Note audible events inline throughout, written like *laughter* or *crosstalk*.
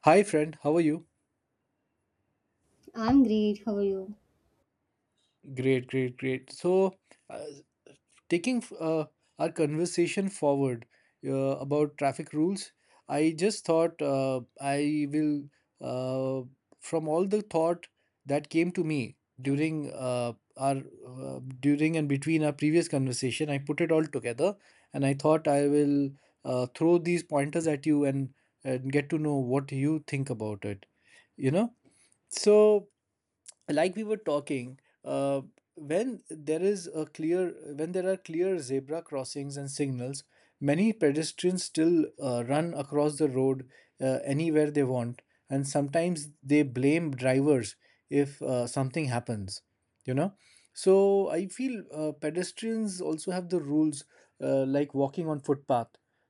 Hi, friend. How are you? I'm great, how are you? Great, great, great. So, uh, taking our conversation forward, about traffic rules, I just thought I will, uh, from all the thought that came to me during our during and between our previous conversation, I put it all together, and I thought I will throw these pointers at you and get to know what you think about it. You know, so. Like we were talking, uh, when there is a clear when there are clear zebra crossings and signals, many pedestrians still run across the road anywhere they want, and sometimes they blame drivers if something happens you know so I feel pedestrians also have the rules, like walking on footpath,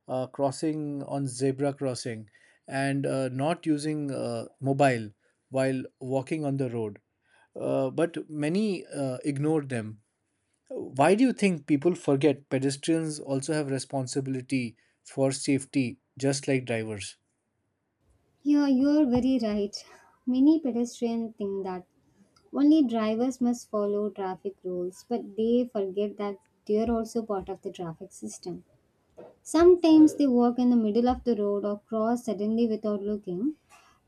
crossing on zebra crossing, and not using mobile while walking on the road. But many ignore them. Why do you think people forget pedestrians also have responsibility for safety just like drivers? Yeah, you're very right. Many pedestrians think that only drivers must follow traffic rules, but they forget that they're also part of the traffic system. Sometimes they walk in the middle of the road or cross suddenly without looking,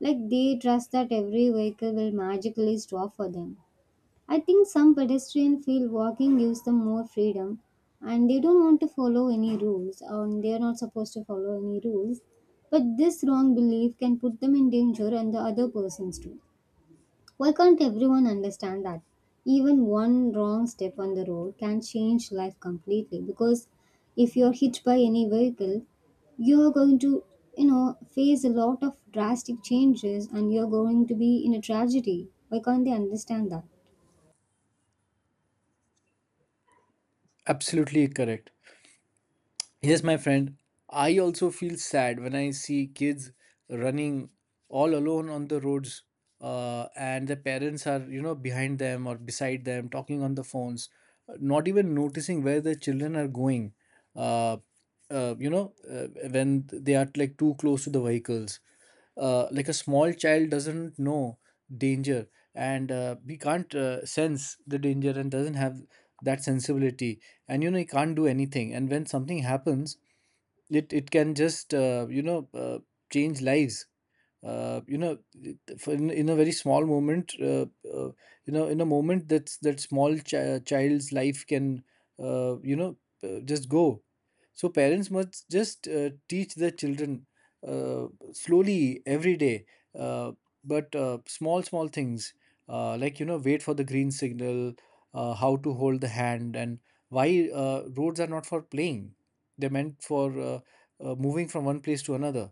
like they trust that every vehicle will magically stop for them. I think some pedestrians feel walking gives them more freedom and they don't want to follow any rules or they are not supposed to follow any rules. But this wrong belief can put them in danger and the other persons too. Why can't everyone understand that? Even one wrong step on the road can change life completely because if you're hit by any vehicle, you're going to face a lot of drastic changes, and you're going to be in a tragedy. Why can't they understand that? Absolutely correct. Yes, my friend, I also feel sad when I see kids running all alone on the roads, and the parents are, you know, behind them or beside them, talking on the phones, not even noticing where the children are going. Uh, you know, when they are like too close to the vehicles, like a small child doesn't know danger, and he can't sense the danger and doesn't have that sensibility. And you know he can't do anything, and when something happens, it can just change lives. You know, for in a very small moment, uh, you know, in a moment, that's that child's life can, uh, you know just go. So parents must just teach their children, uh, slowly every day, uh, but small small things, like, you know, wait for the green signal, how to hold the hand, and why roads are not for playing. They're meant for moving from one place to another.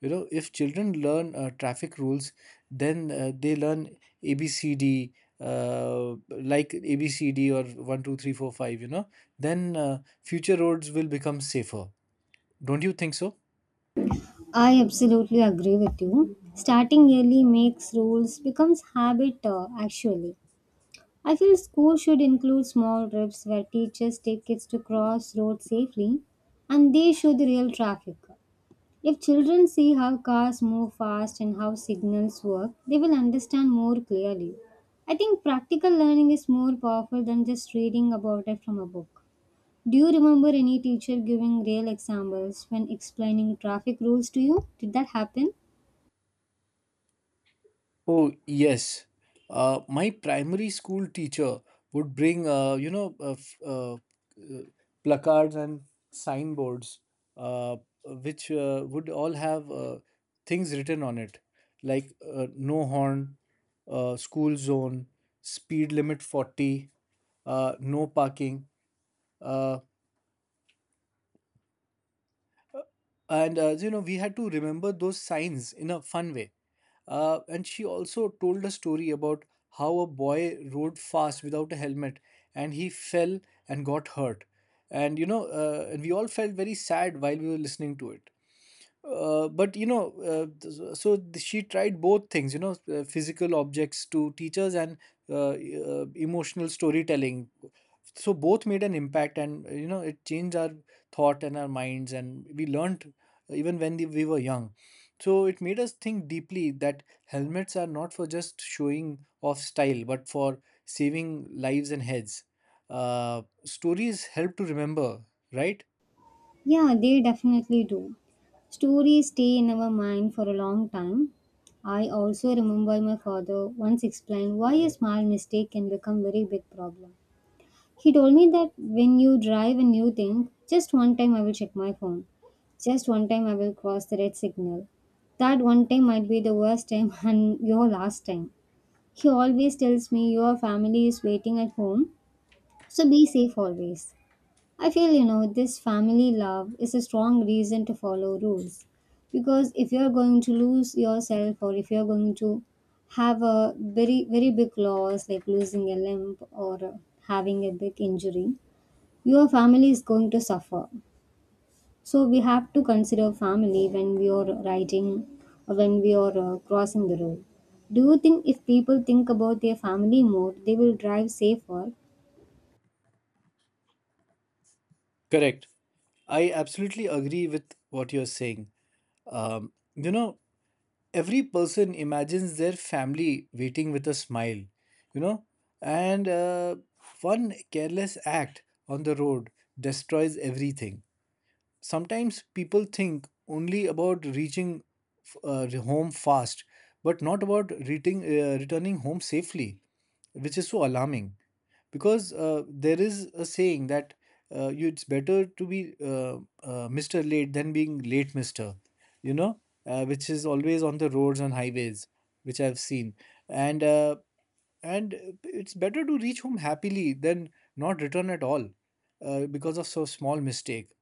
You know, if children learn traffic rules, then they learn abcd, uh, like abcd or 1 2 3 4 5. You know, then future roads will become safer. Don't you think so? I absolutely agree with you. Starting early makes rules becomes habit, actually. I feel school should include small trips where teachers take kids to cross roads safely and they show the real traffic. If children see how cars move fast and how signals work, they will understand more clearly. I think practical learning is more powerful than just reading about it from a book. Do you remember any teacher giving real examples when explaining traffic rules to you? Did that happen? Oh, yes. My primary school teacher would bring, placards and signboards, uh, which would all have things written on it, like no horn, school zone, speed limit 40, no parking. Uh, and you know, we had to remember those signs in a fun way, and she also told a story about how a boy rode fast without a helmet and he fell and got hurt. And you know, and we all felt very sad while we were listening to it. But you know, she tried both things, you know, physical objects to teachers and emotional storytelling. So both made an impact, and you know, it changed our thought and our minds, and we learned, even when we were young. So it made us think deeply that helmets are not for just showing off style, but for saving lives and heads. Stories help to remember, right? Yeah, they definitely do. Stories stay in our mind for a long time. I also remember my father once explained why a small mistake can become very big problem. He told me that when you drive and you think, just one time I will check my phone. Just one time I will cross the red signal. That one time might be the worst time *laughs* and your last time. He always tells me your family is waiting at home, so be safe always. I feel, you know, this family love is a strong reason to follow rules. Because if you're going to lose yourself or if you're going to have a very, very big loss, like losing a limb or having a big injury, your family is going to suffer. So we have to consider family when we are writing or when we are crossing the road. Do you think if people think about their family more, they will drive safer? Correct. I absolutely agree with what you're saying. You know, every person imagines their family waiting with a smile, you know, and one careless act on the road destroys everything. Sometimes people think only about reaching home fast, but not about reading, returning home safely, which is so alarming. Because there is a saying that it's better to be Mr. Late than being late Mr. You know, which is always on the roads and highways, which I've seen. And uh, and it's better to reach home happily than not return at all, because of so small mistake.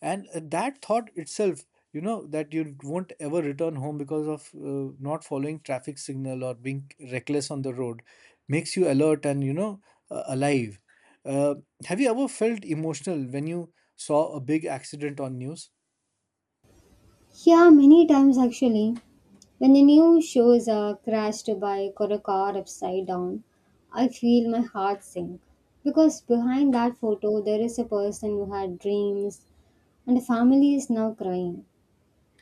And that thought itself, you know, that you won't ever return home because of not following traffic signal or being reckless on the road, makes you alert and you know, alive. uh, have you ever felt emotional when you saw a big accident on news? Yeah, many times actually. When the new shows are crashed a bike or a car upside down, I feel my heart sink. Because behind that photo, there is a person who had dreams and a family is now crying.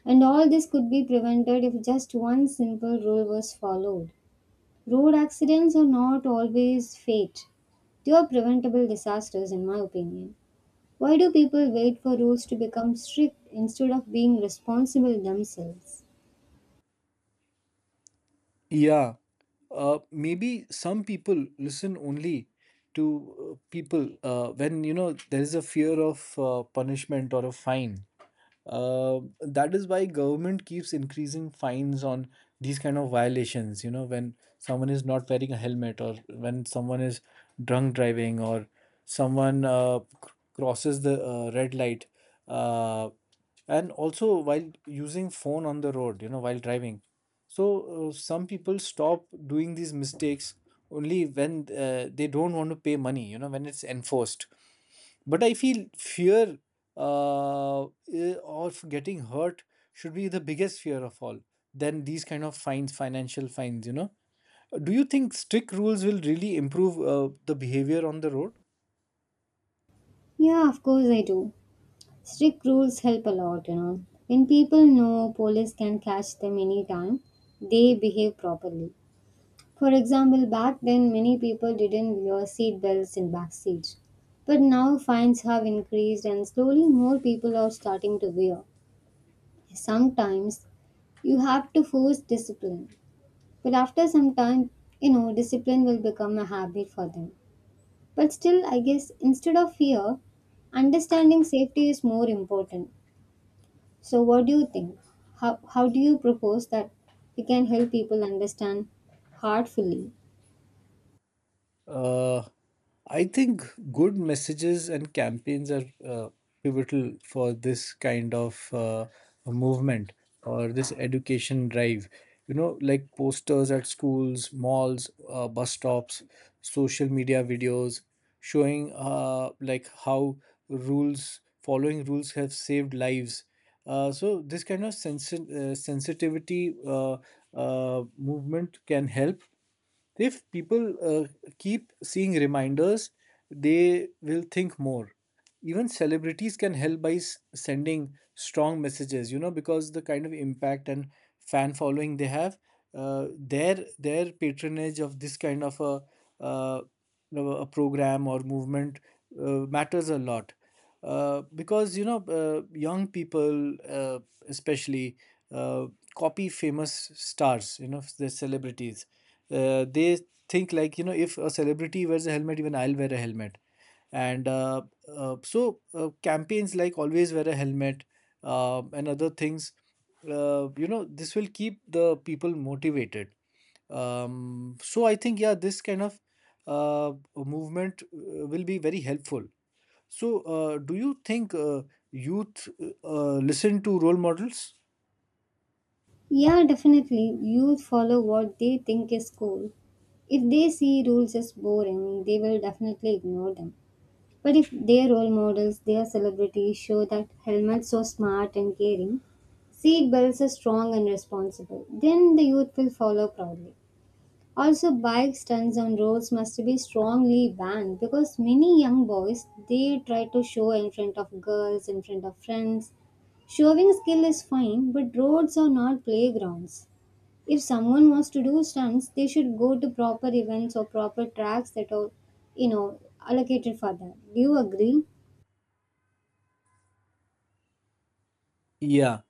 And all this could be prevented if just one simple rule was followed. Road accidents are not always fate, they are preventable disasters, in my opinion. Why do people wait for rules to become strict instead of being responsible themselves? Yeah. Maybe some people listen only to people when, you know, there is a fear of punishment or a fine. That is why government keeps increasing fines on these kind of violations. You know, when someone is not wearing a helmet, or when someone is drunk driving, or someone crosses the red light. Uh, and also while using phone on the road, you know, while driving. So some people stop doing these mistakes only when they don't want to pay money, you know, when it's enforced. But I feel fear, uh, of getting hurt, should be the biggest fear of all. Then these kind of fines, financial fines, you know, do you think strict rules will really improve the behavior on the road? Yeah, of course I do. Strict rules help a lot, you know. When people know police can catch them anytime, they behave properly. For example, back then many people didn't wear seat belts in back seats. But now fines have increased and slowly more people are starting to wear. Sometimes you have to force discipline. But after some time, you know, discipline will become a habit for them. But still, I guess instead of fear, understanding safety is more important. So, what do you think? How do you propose that we can help people understand heartfully? Uh, I think good messages and campaigns are pivotal for this kind of movement or this education drive. You know, like posters at schools, malls, bus stops, social media videos showing like how following rules have saved lives. So this kind of sensitivity movement can help if people uh, keep seeing reminders, they will think more. Even celebrities can help by sending strong messages, you know, because the kind of impact and fan following they have, their patronage of this kind of a, uh, you know, a program or movement, matters a lot. Because you know, young people, especially, uh, copy famous stars, you know, the celebrities. They think like, you know, if a celebrity wears a helmet, even I'll wear a helmet. And campaigns like always wear a helmet and other things, you know, this will keep the people motivated. So I think yeah, this kind of movement will be very helpful. So, do you think youth listen to role models? Yeah, definitely. Youth follow what they think is cool. If they see rules as boring, they will definitely ignore them. But if their role models, their celebrities show that helmets are smart and caring, seat belts are strong and responsible, then the youth will follow proudly. Also, bike stunts on roads must be strongly banned because many young boys they try to show in front of girls, in front of friends. Showing skill is fine, but roads are not playgrounds. If someone wants to do stunts, they should go to proper events or proper tracks that are, you know, allocated for that. Do you agree? Yeah,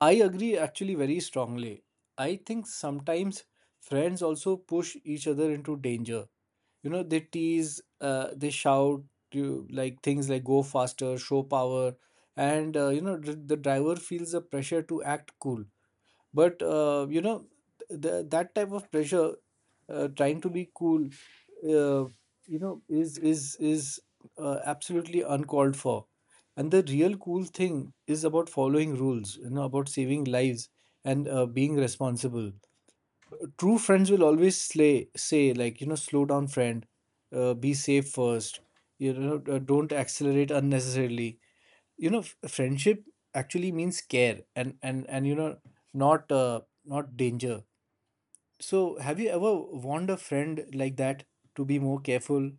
I agree actually very strongly. I think sometimes friends also push each other into danger. You know, they tease, they shout, you, like things like go faster, show power. And you know, the driver feels the pressure to act cool. But you know, that type of pressure, trying to be cool, uh, you know, is absolutely uncalled for. And the real cool thing is about following rules, you know, about saving lives and being responsible. True friends will always say, like, you know, slow down, friend. Be safe first. You know, don't accelerate unnecessarily. You know, friendship actually means care and you know, not not danger. So, have you ever warned a friend like that to be more careful,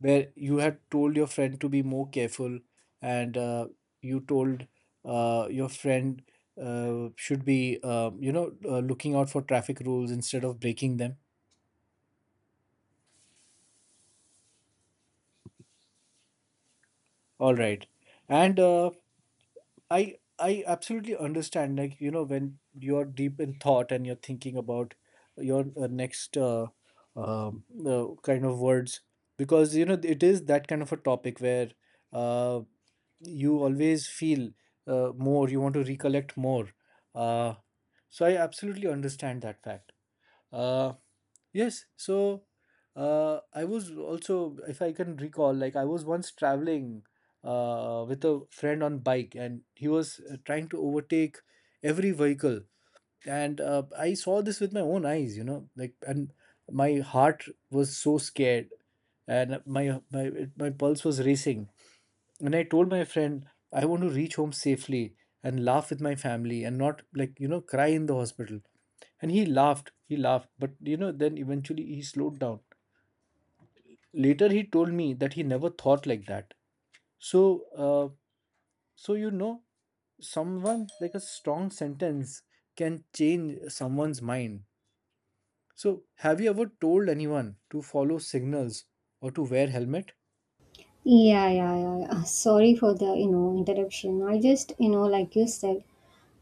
where you had told your friend to be more careful, and you told your friend should be you know looking out for traffic rules instead of breaking them? All right. And I absolutely understand. Like, you know, when you're deep in thought and you're thinking about your next kind of words, because you know it is that kind of a topic where uh, you always feel more. You want to recollect more. Uh, so I absolutely understand that fact. Uh, yes. So I was also, if I can recall, like I was once traveling with a friend on bike and he was trying to overtake every vehicle. And I saw this with my own eyes, you know, like. And my heart was so scared, and my pulse was racing. And I told my friend I want to reach home safely and laugh with my family and not, like, you know, cry in the hospital. And he laughed but, you know, then eventually he slowed down. Later he told me that he never thought like that. So, uh, so, you know, someone, like a strong sentence, can change someone's mind. So, have you ever told anyone to follow signals or to wear helmet? Yeah, yeah, yeah. *laughs* Sorry for the, you know, interruption. I just, you know, like you said,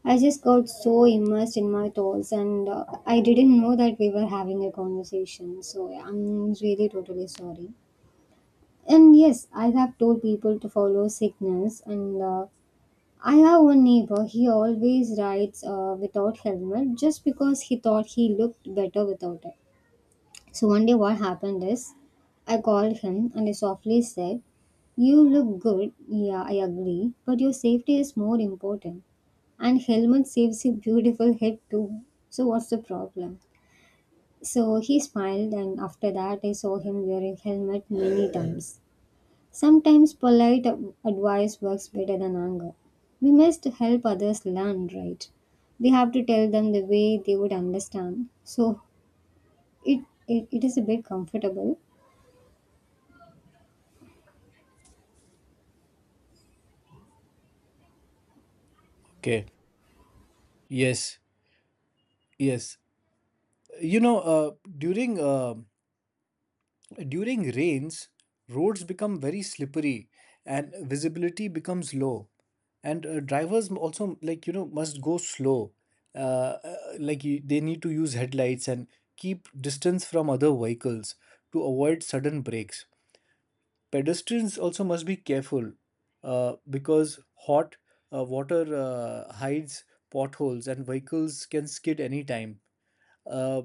I just got so immersed in my thoughts, and I didn't know that we were having a conversation. So yeah, I'm really totally sorry. And yes, I have told people to follow signals, and I have one neighbor. He always rides without helmet just because he thought he looked better without it. So one day, what happened is, I called him and I softly said, "You look good, yeah, I agree, but your safety is more important. And helmet saves your beautiful head too. So what's the problem?" So he smiled, and after that, I saw him wearing helmet many times. Sometimes polite advice works better than anger. We must help others learn, right? We have to tell them the way they would understand. So it is a bit comfortable. Okay. Yes. Yes. You know, during uh, during rains, roads become very slippery and visibility becomes low. And drivers also, like, you know, must go slow. Uh, like, they need to use headlights and keep distance from other vehicles to avoid sudden breaks. Pedestrians also must be careful, because hot water hides potholes and vehicles can skid anytime. Uh,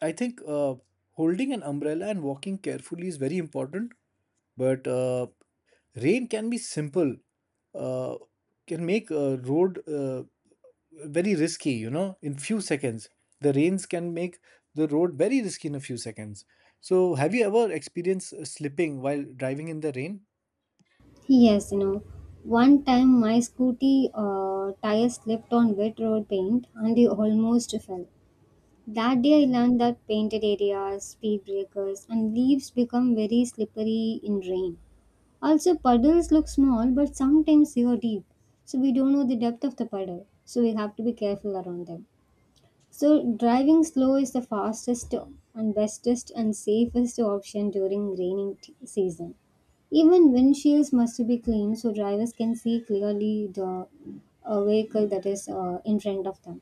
I think holding an umbrella and walking carefully is very important, but rain can be simple, uh, can make a road, very risky, you know, in few seconds. The rains can make the road very risky in a few seconds. So, have you ever experienced slipping while driving in the rain? Yes, you know, one time my scooty tire slipped on wet road paint and I almost fell. That day I learned that painted areas, speed breakers, and leaves become very slippery in rain. Also, puddles look small but sometimes they are deep, so we don't know the depth of the puddle, so we have to be careful around them. So, driving slow is the fastest and bestest and safest option during raining season. Even windshields must be clean so drivers can see clearly the vehicle that is in front of them.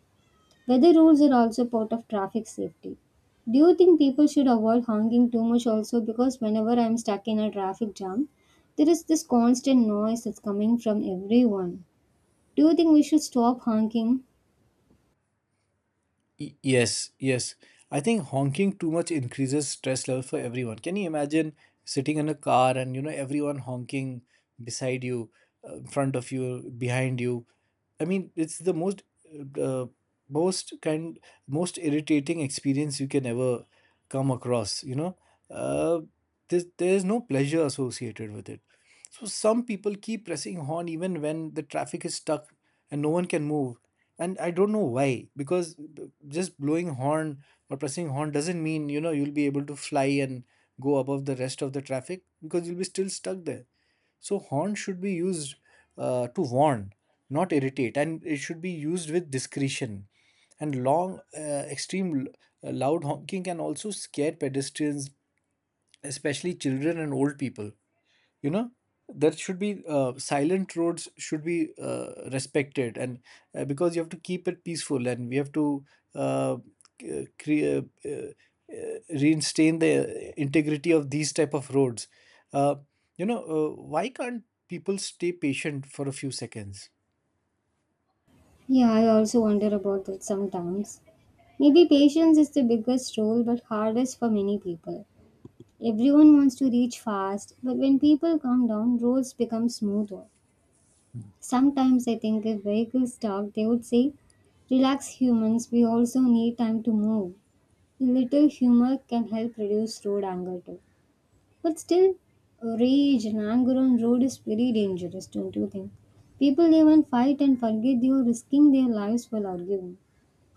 Weather rules are also part of traffic safety. Do you think people should avoid honking too much also? Because whenever I'm stuck in a traffic jam, there is this constant noise that's coming from everyone. Do you think we should stop honking? Y- Yes, yes. I think honking too much increases stress level for everyone. Can you imagine sitting in a car and you know everyone honking beside you, in front of you, behind you? I mean, it's the most, uh, most kind, most irritating experience you can ever come across. You know, uh, there's no pleasure associated with it. So some people keep pressing horn even when the traffic is stuck and no one can move. And I don't know why, because just blowing horn or pressing horn doesn't mean, you know, you'll be able to fly and go above the rest of the traffic, because you'll be still stuck there. So horn should be used to warn, not irritate, and it should be used with discretion. And long, extreme, loud honking can also scare pedestrians, especially children and old people. You know, there should be, silent roads should be respected, and because you have to keep it peaceful, and we have to uh, create reinstate the integrity of these type of roads. uh, you know, why can't people stay patient for a few seconds? Yeah, I also wonder about that sometimes. Maybe patience is the biggest role but hardest for many people. Everyone wants to reach fast, but when people calm down, roads become smoother. Sometimes I think if vehicles talk, they would say, "Relax, humans, we also need time to move." A little humor can help reduce road anger too. But still, rage and anger on road is very dangerous, don't you think? People even fight and forget they are risking their lives while arguing.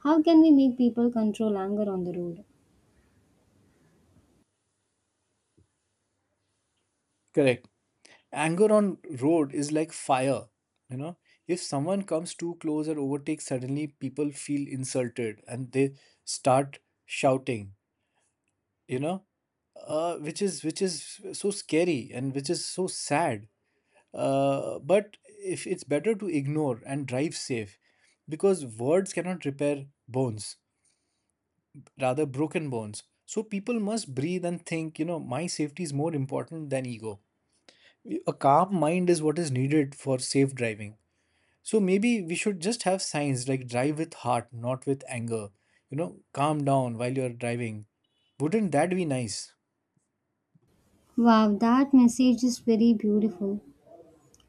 How can we make people control anger on the road? Correct. Anger on road is like fire, you know. If someone comes too close or overtakes suddenly, people feel insulted and they start shouting, you know, which is so scary, and which is so sad. But if it's better to ignore and drive safe, because words cannot repair bones, rather broken bones. So people must breathe and think, you know, my safety is more important than ego. A calm mind is what is needed for safe driving. So maybe we should just have signs like drive with heart, not with anger. You know, calm down while you're driving. Wouldn't that be nice? Wow, that message is very beautiful.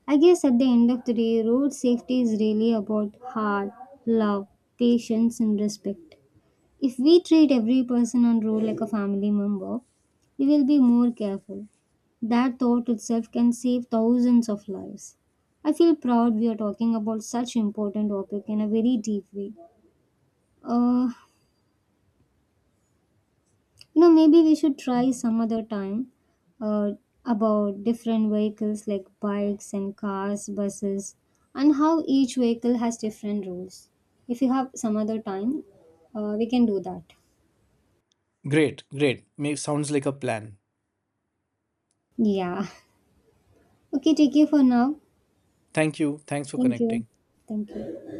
I guess at the end of the day, road safety is really about heart, love, patience, and respect. If we treat every person on road like a family member, we will be more careful. That thought itself can save thousands of lives. I feel proud we are talking about such important topic in a very deep way. Uh, You know, maybe we should try some other time uh, about different vehicles like bikes and cars, buses, and how each vehicle has different rules. If you have some other time, we can do that. Great, great. Makes sounds like a plan. Yeah. *laughs* Okay, take care for now. Thank you. Thanks for Thank you. connecting. Thank you.